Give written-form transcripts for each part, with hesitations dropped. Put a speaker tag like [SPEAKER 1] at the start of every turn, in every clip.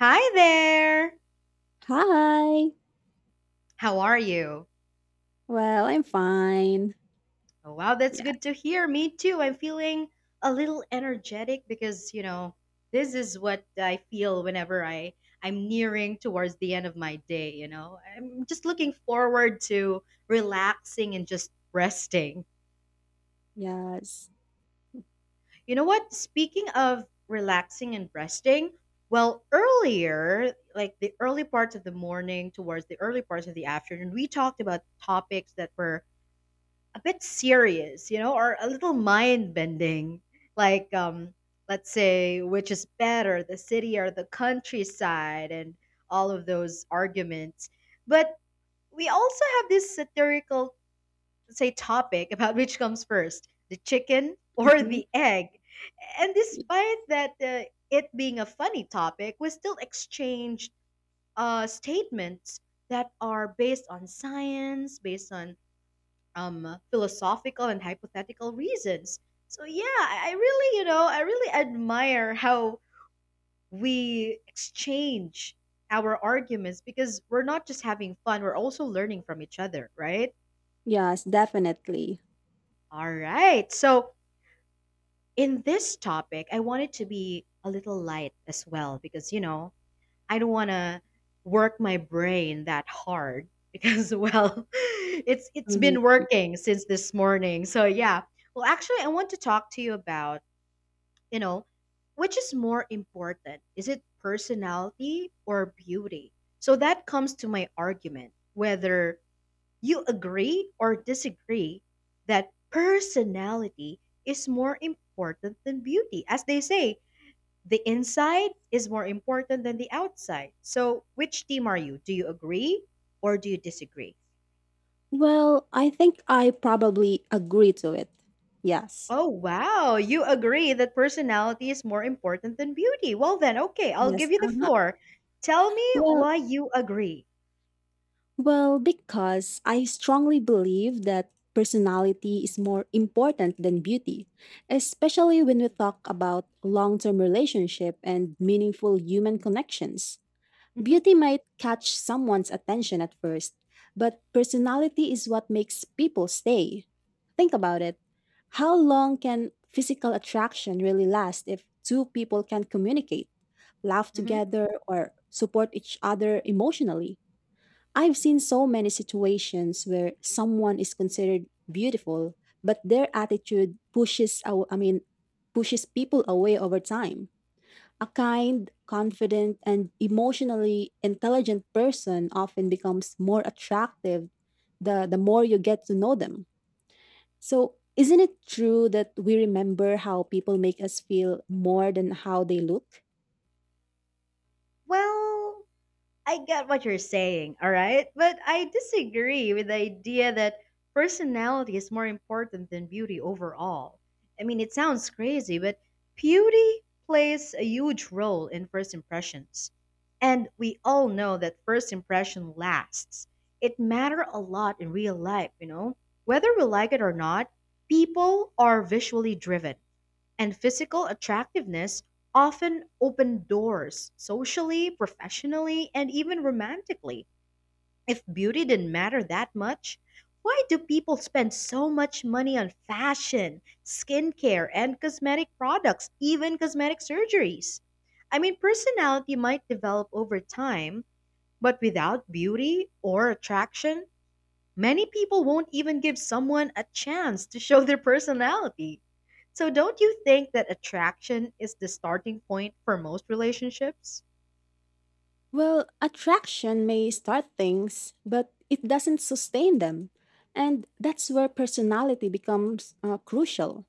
[SPEAKER 1] Hi there.
[SPEAKER 2] Hi.
[SPEAKER 1] How are you?
[SPEAKER 2] Well, I'm fine.
[SPEAKER 1] Oh, wow, that's
[SPEAKER 2] Yeah.
[SPEAKER 1] good to hear. Me too. I'm feeling a little energetic because, you know, this is what I feel whenever I'm nearing towards the end of my day, you know. I'm just looking forward to relaxing and just resting.
[SPEAKER 2] Yes.
[SPEAKER 1] You know what? Speaking of relaxing and resting, well, earlier, like the early parts of the morning towards the early parts of the afternoon, we talked about topics that were a bit serious, you know, or a little mind bending. Like, let's say, which is better, the city or the countryside, and all of those arguments. But we also have this satirical, say, topic about which comes first, the chicken or
[SPEAKER 2] Mhm.
[SPEAKER 1] the egg. And despite that, it being a funny topic, we still exchange statements that are based on science, based on philosophical and hypothetical reasons. So yeah, I really, I really admire how we exchange our arguments because we're not just having fun, we're also learning from each other, right?
[SPEAKER 2] Yes, definitely.
[SPEAKER 1] All right. So in this topic, I want it to be a little light as well because, you know, I don't want to work my brain that hard because well, it's
[SPEAKER 2] Mhm.
[SPEAKER 1] been working since this morning. So yeah, well, actually, I want to talk to you about you know, which is more important? Is it personality or beauty? So that comes to my argument whether you agree or disagree that personality is more important than beauty. As they say, the inside is more important than the outside. So, which team are you? Do you agree or do you disagree?
[SPEAKER 2] Well, I think I probably agree to it. Yes.
[SPEAKER 1] Oh, wow. You agree that personality is more important than beauty. Well, then, okay, I'll give
[SPEAKER 2] Yes.
[SPEAKER 1] you the
[SPEAKER 2] Uh-huh.
[SPEAKER 1] floor. Tell me
[SPEAKER 2] Well,
[SPEAKER 1] why you agree.
[SPEAKER 2] well, because I strongly believe that personality is more important than beauty, especially when we talk about long-term relationship and meaningful human connections.
[SPEAKER 1] Hmm.
[SPEAKER 2] Beauty might catch someone's attention at first, but personality is what makes people stay. Think about it. How long can physical attraction really last if two people can communicate, laugh
[SPEAKER 1] Hmm.
[SPEAKER 2] together, or support each other emotionally? I've seen so many situations where someone is considered beautiful, but their attitude I mean pushes people away over time. A kind, confident, and emotionally intelligent person often becomes more attractive the more you get to know them. So, isn't it true that we remember how people make us feel more than how they look?
[SPEAKER 1] Well, I get what you're saying, all right? But I disagree with the idea that personality is more important than beauty overall. I mean, it sounds crazy, but beauty plays a huge role in first impressions. And we all know that first impression lasts. It matter a lot in real life, you know? Whether we like it or not, people are visually driven. And physical attractiveness often open doors socially, professionally, and even romantically. If beauty didn't matter that much, why do people spend so much money on fashion, skincare, and cosmetic products, even cosmetic surgeries? I mean, personality might develop over time, but without beauty or attraction, many people won't even give someone a chance to show their personality. So, don't you think that attraction is the starting point for most relationships?
[SPEAKER 2] Well, attraction may start things, but it doesn't sustain them. And that's where personality becomes crucial.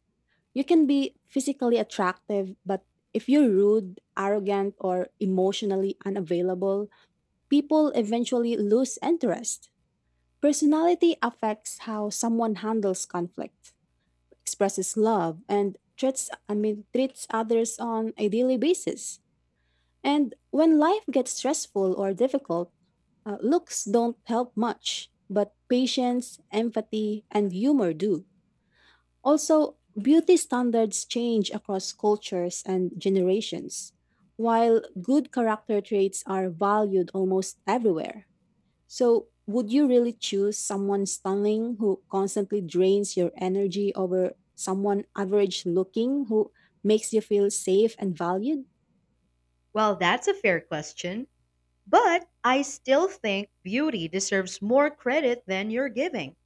[SPEAKER 2] You can be physically attractive, but if you're rude, arrogant, or emotionally unavailable, people eventually lose interest. Personality affects how someone handles conflict, expresses love, and treats I mean treats others on a daily basis. And when life gets stressful or difficult, looks don't help much, but patience, empathy, and humor do. Also, beauty standards change across cultures and generations, while good character traits are valued almost everywhere. So, would you really choose someone stunning who constantly drains your energy over someone average looking who makes you feel safe and valued?
[SPEAKER 1] Well, that's a fair question, but I still think beauty deserves more credit than you're giving.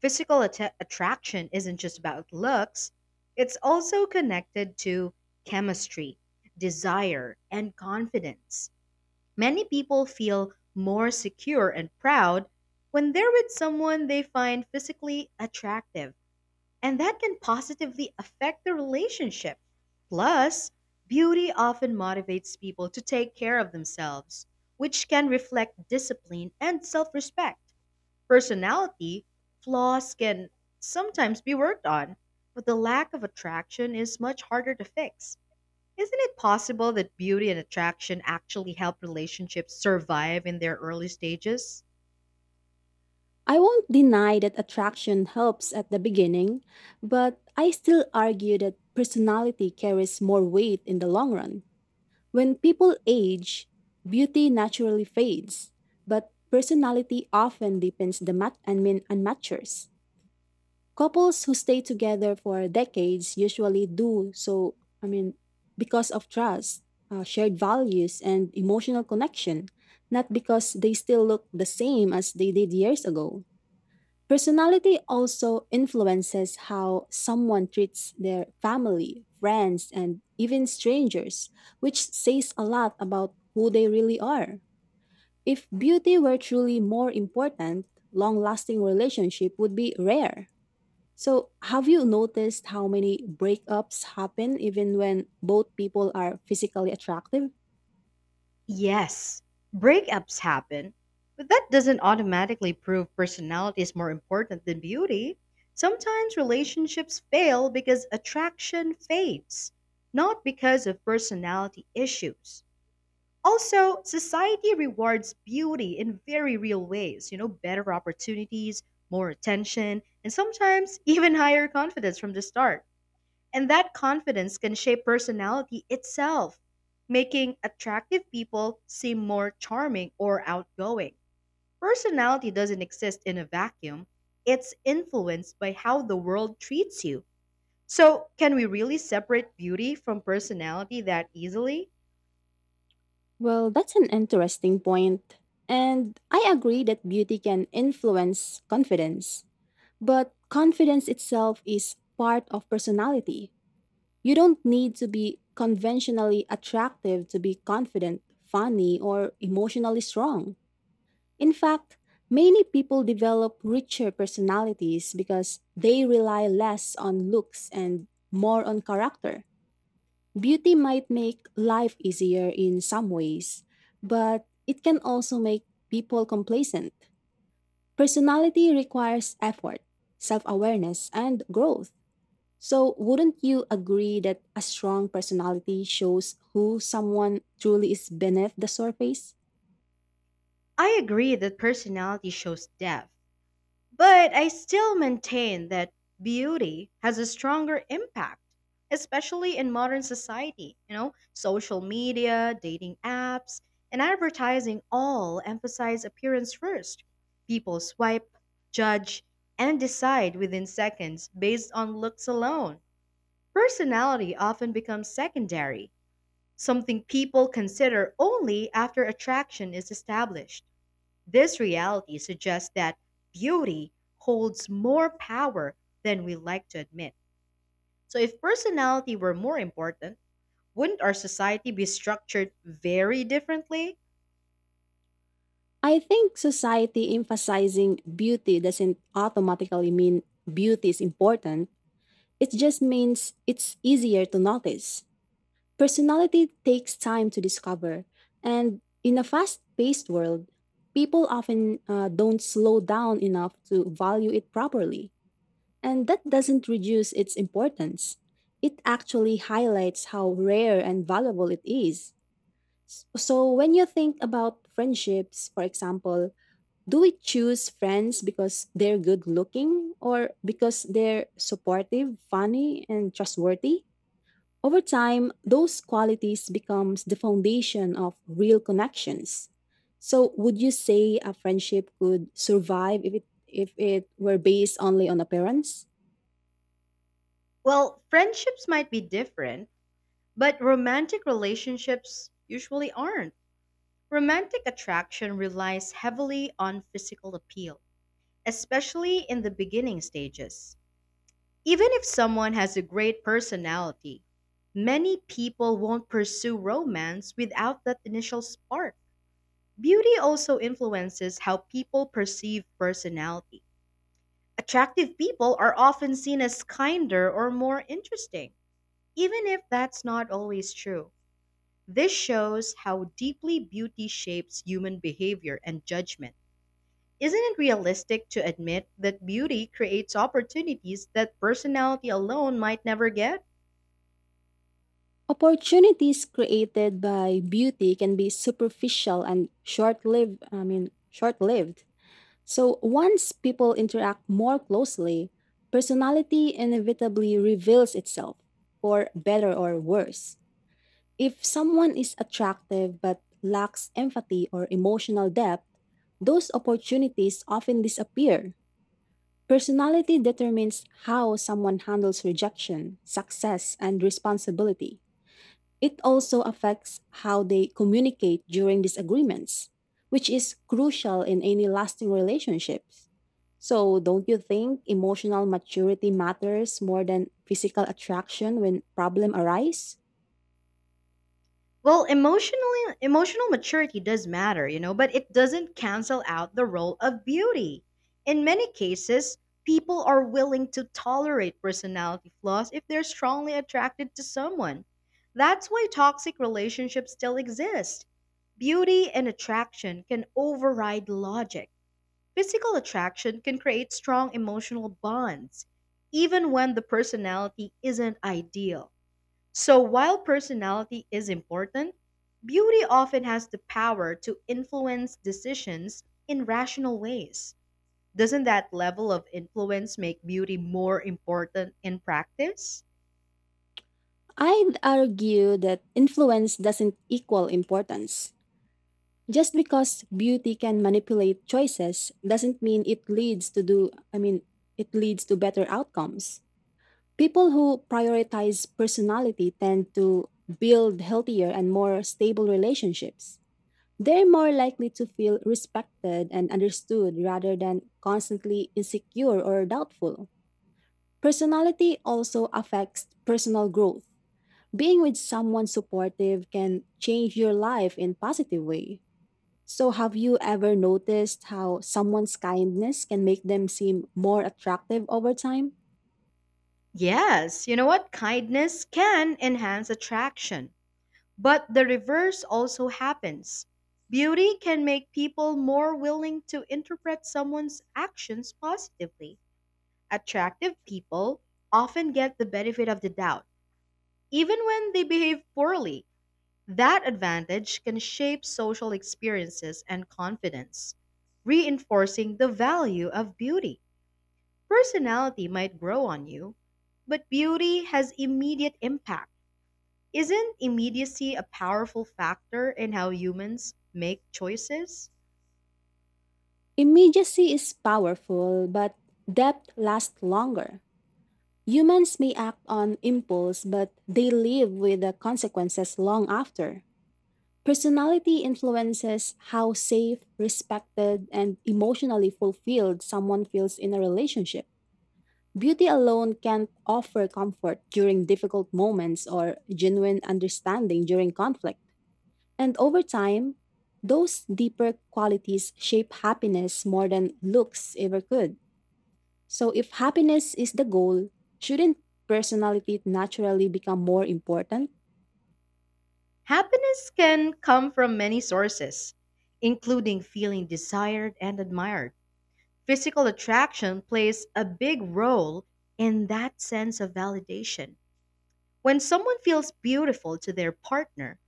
[SPEAKER 1] Attraction isn't just about looks, it's also connected to chemistry, desire, and confidence. Many people feel more secure and proud when they're with someone they find physically attractive, and that can positively affect the relationship. Plus, beauty often motivates people to take care of themselves, which can reflect discipline and self respect. Personality flaws can sometimes be worked on, but the lack of attraction is much harder to fix. Isn't it possible that beauty and attraction actually help relationships survive in their early stages?
[SPEAKER 2] I won't deny that attraction helps at the beginning, but I still argue that personality carries more weight in the long run. When people age, beauty naturally fades, but personality often deepens the mat- and mean, and matures. Couples who stay together for decades usually do so, I mean, because of trust, shared values, and emotional connection, not because they still look the same as they did years ago. Personality also influences how someone treats their family, friends, and even strangers, which says a lot about who they really are. If beauty were truly more important, long lasting relationship would be rare. So, have you noticed how many breakups happen even when both people are physically attractive?
[SPEAKER 1] Yes, breakups happen, but that doesn't automatically prove personality is more important than beauty. Sometimes relationships fail because attraction fades, not because of personality issues. Also, society rewards beauty in very real ways, you know, better opportunities, more attention, and sometimes even higher confidence from the start. And that confidence can shape personality itself, making attractive people seem more charming or outgoing. Personality doesn't exist in a vacuum, it's influenced by how the world treats you. So, can we really separate beauty from personality that easily?
[SPEAKER 2] Well, that's an interesting point. And I agree that beauty can influence confidence. But confidence itself is part of personality. You don't need to be conventionally attractive to be confident, funny, or emotionally strong. In fact, many people develop richer personalities because they rely less on looks and more on character. Beauty might make life easier in some ways, but it can also make people complacent. Personality requires effort, self awareness, and growth. So, wouldn't you agree that a strong personality shows who someone truly is beneath the surface?
[SPEAKER 1] I agree that personality shows depth. But I still maintain that beauty has a stronger impact, especially in modern society. You know, social media, dating apps, and advertising all emphasize appearance first. People swipe, judge, and decide within seconds based on looks alone. Personality often becomes secondary, something people consider only after attraction is established. This reality suggests that beauty holds more power than we like to admit. So, if personality were more important, wouldn't our society be structured very differently?
[SPEAKER 2] I think society emphasizing beauty doesn't automatically mean beauty is important. It just means it's easier to notice. Personality takes time to discover. And in a fast paced world, people often don't slow down enough to value it properly. And that doesn't reduce its importance. It actually highlights how rare and valuable it is. So, when you think about friendships, for example, do we choose friends because they're good looking or because they're supportive, funny, and trustworthy? Over time, those qualities becomes the foundation of real connections. So, would you say a friendship could survive if it were based only on appearance?
[SPEAKER 1] Well, friendships might be different, but romantic relationships usually aren't. Romantic attraction relies heavily on physical appeal, especially in the beginning stages. Even if someone has a great personality, many people won't pursue romance without that initial spark. Beauty also influences how people perceive personality. Attractive people are often seen as kinder or more interesting, even if that's not always true. This shows how deeply beauty shapes human behavior and judgment. Isn't it realistic to admit that beauty creates opportunities that personality alone might never get?
[SPEAKER 2] Opportunities created by beauty can be superficial and I mean, short-lived. So once people interact more closely, personality inevitably reveals itself, for better or worse. If someone is attractive but lacks empathy or emotional depth, those opportunities often disappear. Personality determines how someone handles rejection, success, and responsibility. It also affects how they communicate during disagreements, which is crucial in any lasting relationships. So, don't you think emotional maturity matters more than physical attraction when problem arise?
[SPEAKER 1] Well, emotional maturity does matter, you know, but it doesn't cancel out the role of beauty. In many cases, people are willing to tolerate personality flaws if they're strongly attracted to someone. That's why toxic relationships still exist. Beauty and attraction can override logic. Physical attraction can create strong emotional bonds, even when the personality isn't ideal. So while personality is important, beauty often has the power to influence decisions in rational ways. Doesn't that level of influence make beauty more important in practice?
[SPEAKER 2] I'd argue that influence doesn't equal importance. Just because beauty can manipulate choices doesn't mean it leads to do I mean it leads to better outcomes. People who prioritize personality tend to build healthier and more stable relationships. They're more likely to feel respected and understood rather than constantly insecure or doubtful. Personality also affects personal growth. Being with someone supportive can change your life in positive way. So have you ever noticed how someone's kindness can make them seem more attractive over time?
[SPEAKER 1] Yes, you know what? Kindness can enhance attraction, but the reverse also happens. Beauty can make people more willing to interpret someone's actions positively. Attractive people often get the benefit of the doubt. Even when they behave poorly, that advantage can shape social experiences and confidence, reinforcing the value of beauty. Personality might grow on you, but beauty has immediate impact. Isn't immediacy a powerful factor in how humans make choices?
[SPEAKER 2] Immediacy is powerful, but depth lasts longer. Humans may act on impulse, but they live with the consequences long after. Personality influences how safe, respected, and emotionally fulfilled someone feels in a relationship. Beauty alone can't offer comfort during difficult moments or genuine understanding during conflict. And over time, those deeper qualities shape happiness more than looks ever could. So, if happiness is the goal, shouldn't personality naturally become more important?
[SPEAKER 1] Happiness can come from many sources, including feeling desired and admired. Physical attraction plays a big role in that sense of validation. When someone feels beautiful to their partner,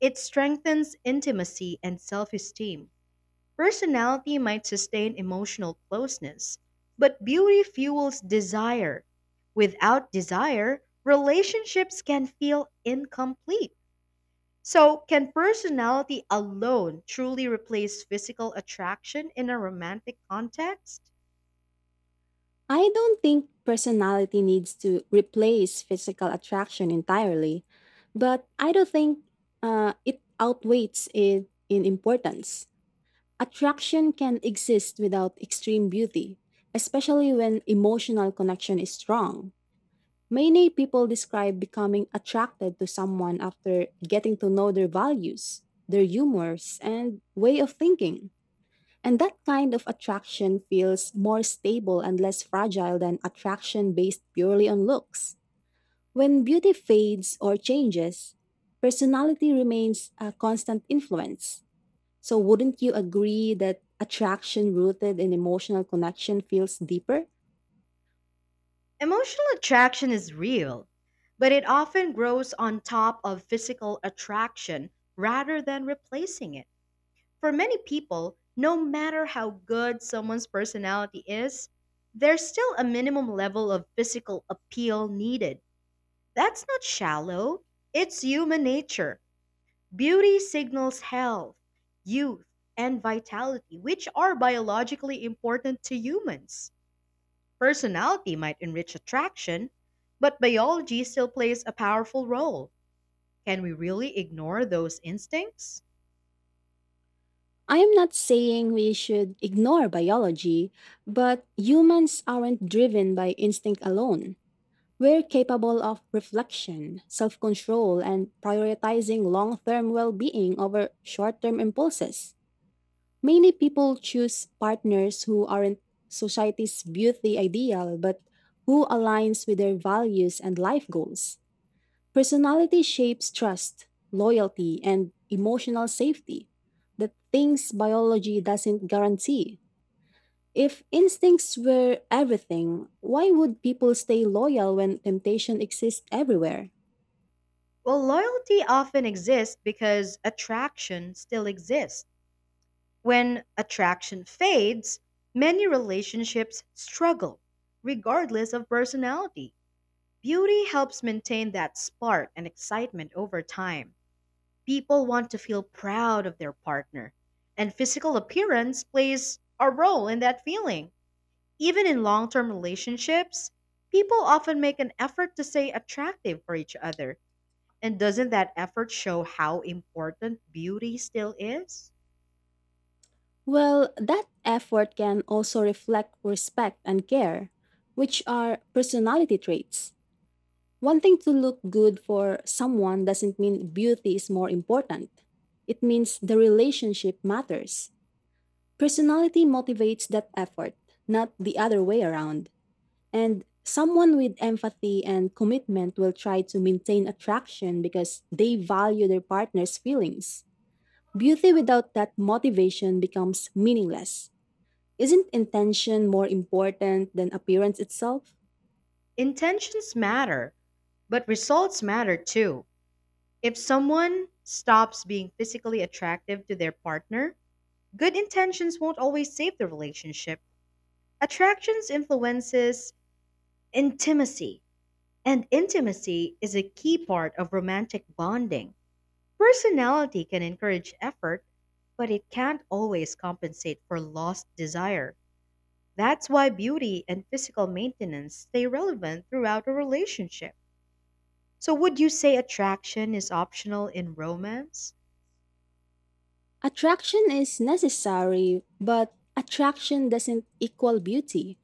[SPEAKER 1] it strengthens intimacy and self esteem. Personality might sustain emotional closeness, but beauty fuels desire. Without desire, relationships can feel incomplete. So, can personality alone truly replace physical attraction in a romantic context?
[SPEAKER 2] I don't think personality needs to replace physical attraction entirely, but I don't think it outweighs it in importance. Attraction can exist without extreme beauty, especially when emotional connection is strong. Many people describe becoming attracted to someone after getting to know their values, their humors, and way of thinking. And that kind of attraction feels more stable and less fragile than attraction based purely on looks. When beauty fades or changes, personality remains a constant influence. So, wouldn't you agree that attraction rooted in emotional connection feels deeper?
[SPEAKER 1] Emotional attraction is real, but it often grows on top of physical attraction rather than replacing it. For many people, no matter how good someone's personality is, there's still a minimum level of physical appeal needed. That's not shallow, it's human nature. Beauty signals health, youth, and vitality, which are biologically important to humans. Personality might enrich attraction, but biology still plays a powerful role. Can we really ignore those instincts?
[SPEAKER 2] I am not saying we should ignore biology, but humans aren't driven by instinct alone. We're capable of reflection, self control, and prioritizing long term well being over short term impulses. Many people choose partners who aren't society's beauty ideal, but who aligns with their values and life goals. Personality shapes trust, loyalty, and emotional safety, the things biology doesn't guarantee. If instincts were everything, why would people stay loyal when temptation exists everywhere?
[SPEAKER 1] Well, loyalty often exists because attraction still exists. When attraction fades, many relationships struggle, regardless of personality. Beauty helps maintain that spark and excitement over time. People want to feel proud of their partner, and physical appearance plays a role in that feeling. Even in long term relationships, people often make an effort to stay attractive for each other. And doesn't that effort show how important beauty still is?
[SPEAKER 2] Well, that effort can also reflect respect and care, which are personality traits. Wanting to look good for someone doesn't mean beauty is more important. It means the relationship matters. Personality motivates that effort, not the other way around. And someone with empathy and commitment will try to maintain attraction because they value their partner's feelings. Beauty without that motivation becomes meaningless. Isn't intention more important than appearance itself?
[SPEAKER 1] Intentions matter, but results matter too. If someone stops being physically attractive to their partner, good intentions won't always save the relationship. Attractions influences intimacy, and intimacy is a key part of romantic bonding. Personality can encourage effort, but it can't always compensate for lost desire. That's why beauty and physical maintenance stay relevant throughout a relationship. So, would you say attraction is optional in romance?
[SPEAKER 2] Attraction is necessary, but attraction doesn't equal beauty.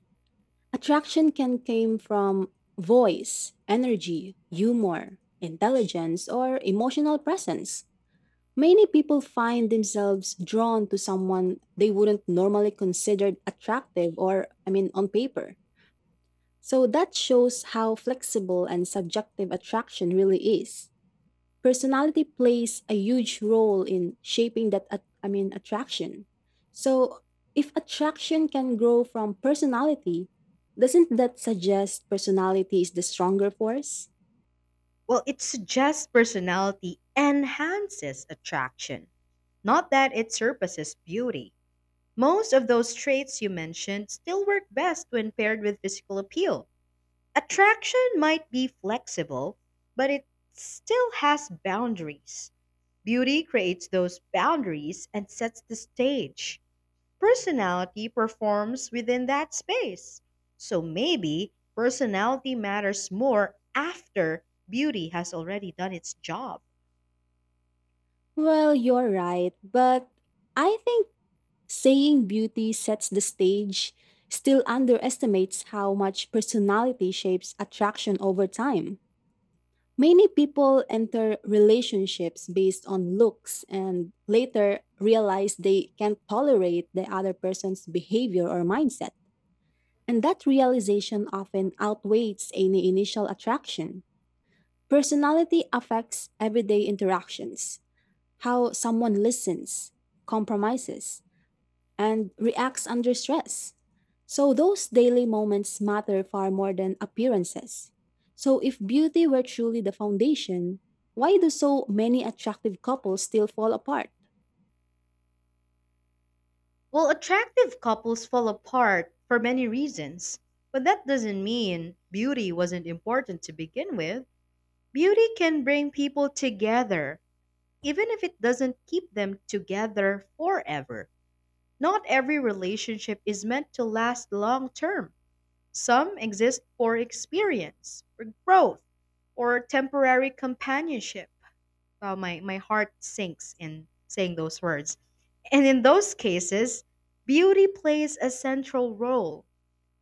[SPEAKER 2] Attraction can come from voice, energy, humor, intelligence, or emotional presence. Many people find themselves drawn to someone they wouldn't normally consider attractive or, I mean, on paper. So that shows how flexible and subjective attraction really is. Personality plays a huge role in shaping that attraction. So, if attraction can grow from personality, doesn't that suggest personality is the stronger force?
[SPEAKER 1] Well, it suggests personality enhances attraction, not that it surpasses beauty. Most of those traits you mentioned still work best when paired with physical appeal. Attraction might be flexible, but it still has boundaries. Beauty creates those boundaries and sets the stage. Personality performs within that space. So maybe personality matters more after beauty has already done its job.
[SPEAKER 2] Well, you're right, but I think saying beauty sets the stage still underestimates how much personality shapes attraction over time. Many people enter relationships based on looks and later realize they can't tolerate the other person's behavior or mindset. And that realization often outweighs any initial attraction. Personality affects everyday interactions, how someone listens, compromises, and reacts under stress. So those daily moments matter far more than appearances. So if beauty were truly the foundation, why do so many attractive couples still fall apart?
[SPEAKER 1] Well, attractive couples fall apart for many reasons, but that doesn't mean beauty wasn't important to begin with. Beauty can bring people together even if it doesn't keep them together forever. Not every relationship is meant to last long term. Some exist for experience, for growth, or temporary companionship. Wow, my heart sinks in saying those words. And in those cases, beauty plays a central role.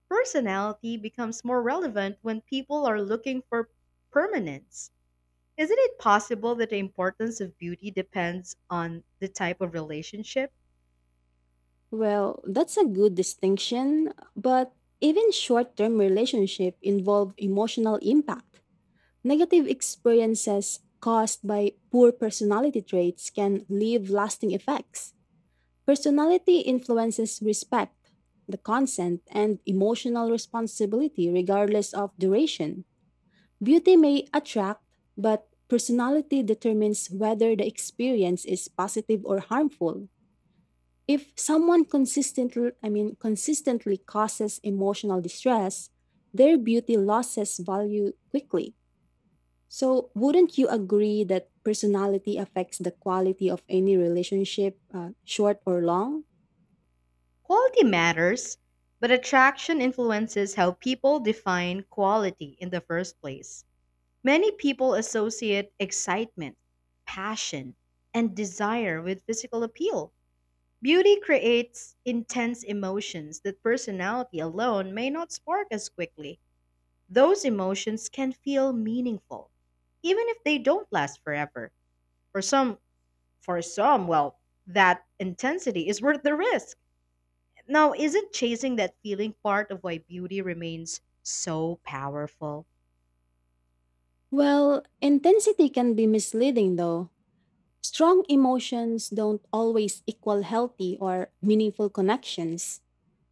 [SPEAKER 1] Personality becomes more relevant when people are looking for permanence. Isn't it possible that the importance of beauty depends on the type of relationship?
[SPEAKER 2] Well, that's a good distinction, but even short-term relationships involve emotional impact. Negative experiences caused by poor personality traits can leave lasting effects. Personality influences respect, the consent, and emotional responsibility regardless of duration. Beauty may attract, but personality determines whether the experience is positive or harmful. If someone I mean, consistently causes emotional distress, their beauty loses value quickly. So, wouldn't you agree that personality affects the quality of any relationship, short or long?
[SPEAKER 1] Quality matters, but attraction influences how people define quality in the first place. Many people associate excitement, passion, and desire with physical appeal. Beauty creates intense emotions that personality alone may not spark as quickly. Those emotions can feel meaningful, even if they don't last forever. For some For some, well, that intensity is worth the risk. Now, isn't chasing that feeling part of why beauty remains so powerful?
[SPEAKER 2] Well, intensity can be misleading though. Strong emotions don't always equal healthy or meaningful connections.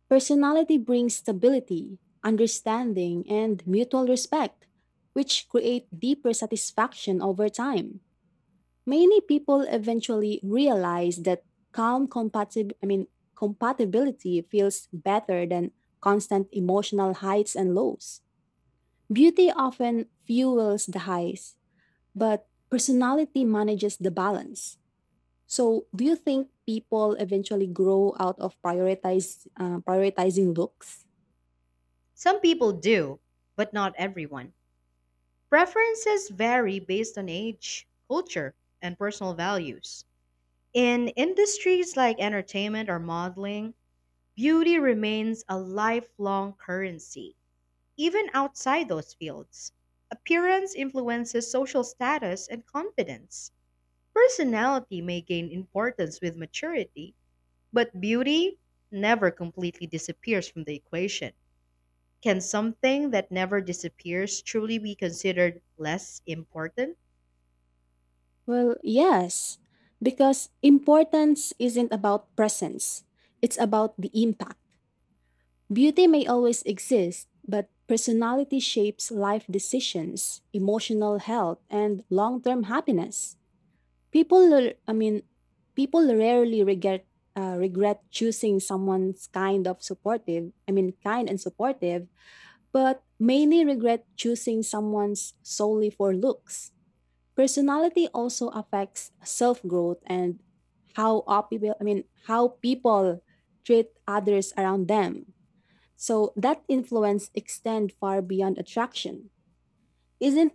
[SPEAKER 2] Personality brings stability, understanding, and mutual respect, which create deeper satisfaction over time. Many people eventually realize that calm I mean, compatibility feels better than constant emotional highs and lows. Beauty often fuels the highs, but personality manages the balance. So, do you think people eventually grow out of prioritizing looks?
[SPEAKER 1] Some people do, but not everyone. Preferences vary based on age, culture, and personal values. In industries like entertainment or modeling, beauty remains a lifelong currency, even outside those fields. Appearance influences social status and confidence. Personality may gain importance with maturity, but beauty never completely disappears from the equation. Can something that never disappears truly be considered less important?
[SPEAKER 2] Well, yes, because importance isn't about presence, it's about the impact. Beauty may always exist, but personality shapes life decisions, emotional health, and long term happiness. I mean, people rarely regret choosing someone's kind of supportive. I mean, kind and supportive, but mainly regret choosing someone's solely for looks. Personality also affects self growth and how op- people. I mean, how people treat others around them. So that influence extend far beyond attraction. Isn't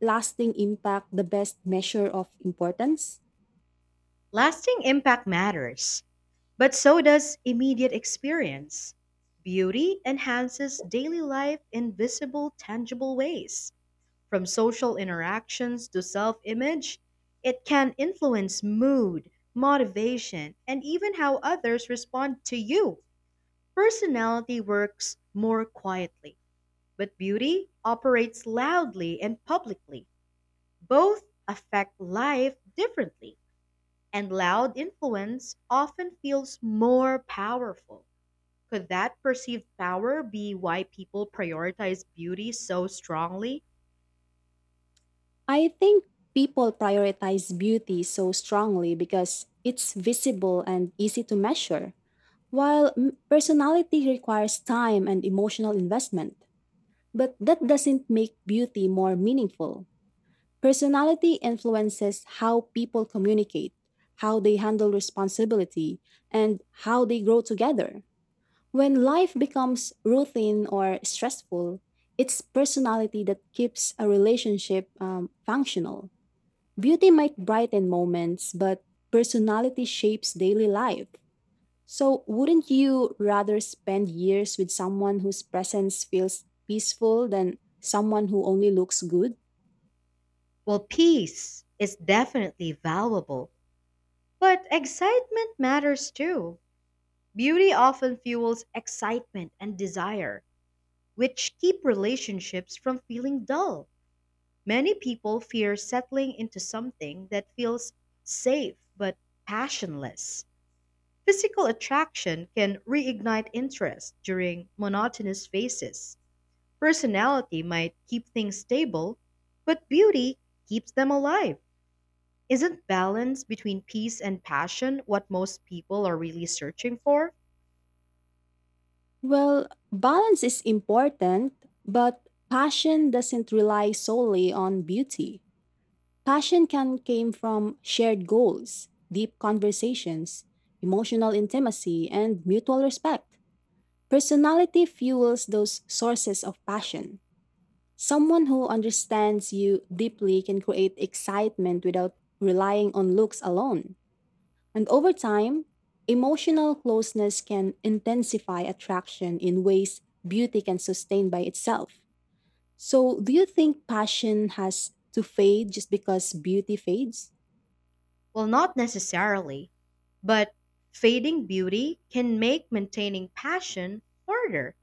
[SPEAKER 2] lasting impact the best measure of importance?
[SPEAKER 1] Lasting impact matters, but so does immediate experience. Beauty enhances daily life in visible, tangible ways. From social interactions to self image, it can influence mood, motivation, and even how others respond to you. Personality works more quietly, but beauty operates loudly and publicly. Both affect life differently, and loud influence often feels more powerful. Could that perceived power be why people prioritize beauty so strongly?
[SPEAKER 2] I think people prioritize beauty so strongly because it's visible and easy to measure, while personality requires time and emotional investment. But that doesn't make beauty more meaningful. Personality influences how people communicate, how they handle responsibility, and how they grow together. When life becomes routine or stressful, it's personality that keeps a relationship functional. Beauty might brighten moments, but personality shapes daily life. So, wouldn't you rather spend years with someone whose presence feels peaceful than someone who only looks good?
[SPEAKER 1] Well, peace is definitely valuable, but excitement matters too. Beauty often fuels excitement and desire, which keep relationships from feeling dull. Many people fear settling into something that feels safe but passionless. Physical attraction can reignite interest during monotonous phases. Personality might keep things stable, but beauty keeps them alive. Isn't balance between peace and passion what most people are really searching for?
[SPEAKER 2] Well, balance is important, but passion doesn't rely solely on beauty. Passion can come from shared goals, deep conversations, emotional intimacy, and mutual respect. Personality fuels those sources of passion. Someone who understands you deeply can create excitement without relying on looks alone. And over time, emotional closeness can intensify attraction in ways beauty can sustain by itself. So, do you think passion has to fade just because beauty fades?
[SPEAKER 1] Well, not necessarily, but fading beauty can make maintaining passion harder.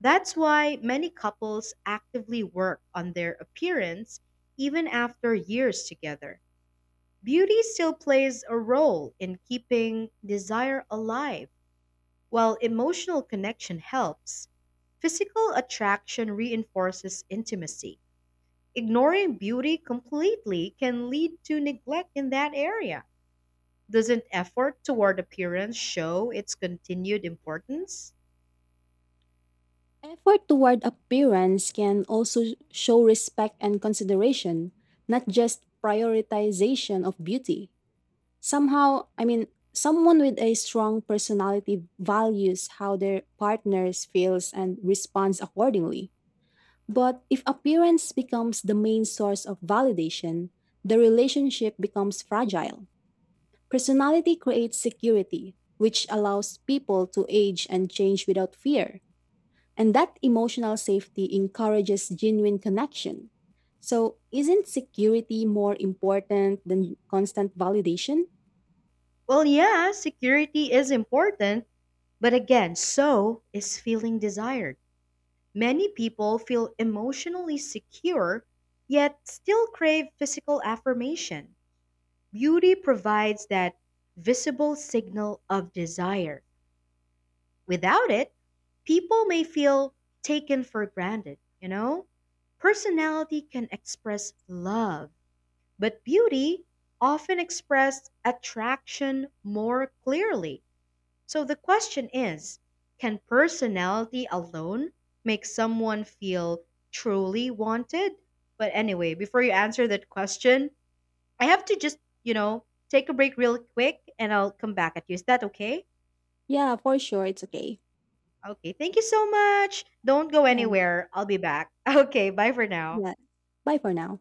[SPEAKER 1] That's why many couples actively work on their appearance even after years together. Beauty still plays a role in keeping desire alive, while emotional connection helps. Physical attraction reinforces intimacy. Ignoring beauty completely can lead to neglect in that area. Doesn't effort toward appearance show its continued importance?
[SPEAKER 2] Effort toward appearance can also show respect and consideration, not just prioritization of beauty. I mean, someone with a strong personality values how their partners feels and responds accordingly. But if appearance becomes the main source of validation, the relationship becomes fragile. Personality creates security, which allows people to age and change without fear. And that emotional safety encourages genuine connection. So, isn't security more important than constant validation?
[SPEAKER 1] Well, yeah, security is important, but again, so is feeling desired. Many people feel emotionally secure, yet still crave physical affirmation. Beauty provides that visible signal of desire. Without it, people may feel taken for granted, you know? Personality can express love, but beauty often expresses attraction more clearly. So the question is, can personality alone make someone feel truly wanted? But anyway, before you answer that question, I have to just, you know, take a break real quick and I'll come back at you. Is that okay?
[SPEAKER 2] Yeah, for sure. It's okay.
[SPEAKER 1] Okay, thank you so much. Don't go
[SPEAKER 2] Yeah.
[SPEAKER 1] anywhere. I'll be back. Okay, bye for now.
[SPEAKER 2] Yeah. Bye for now.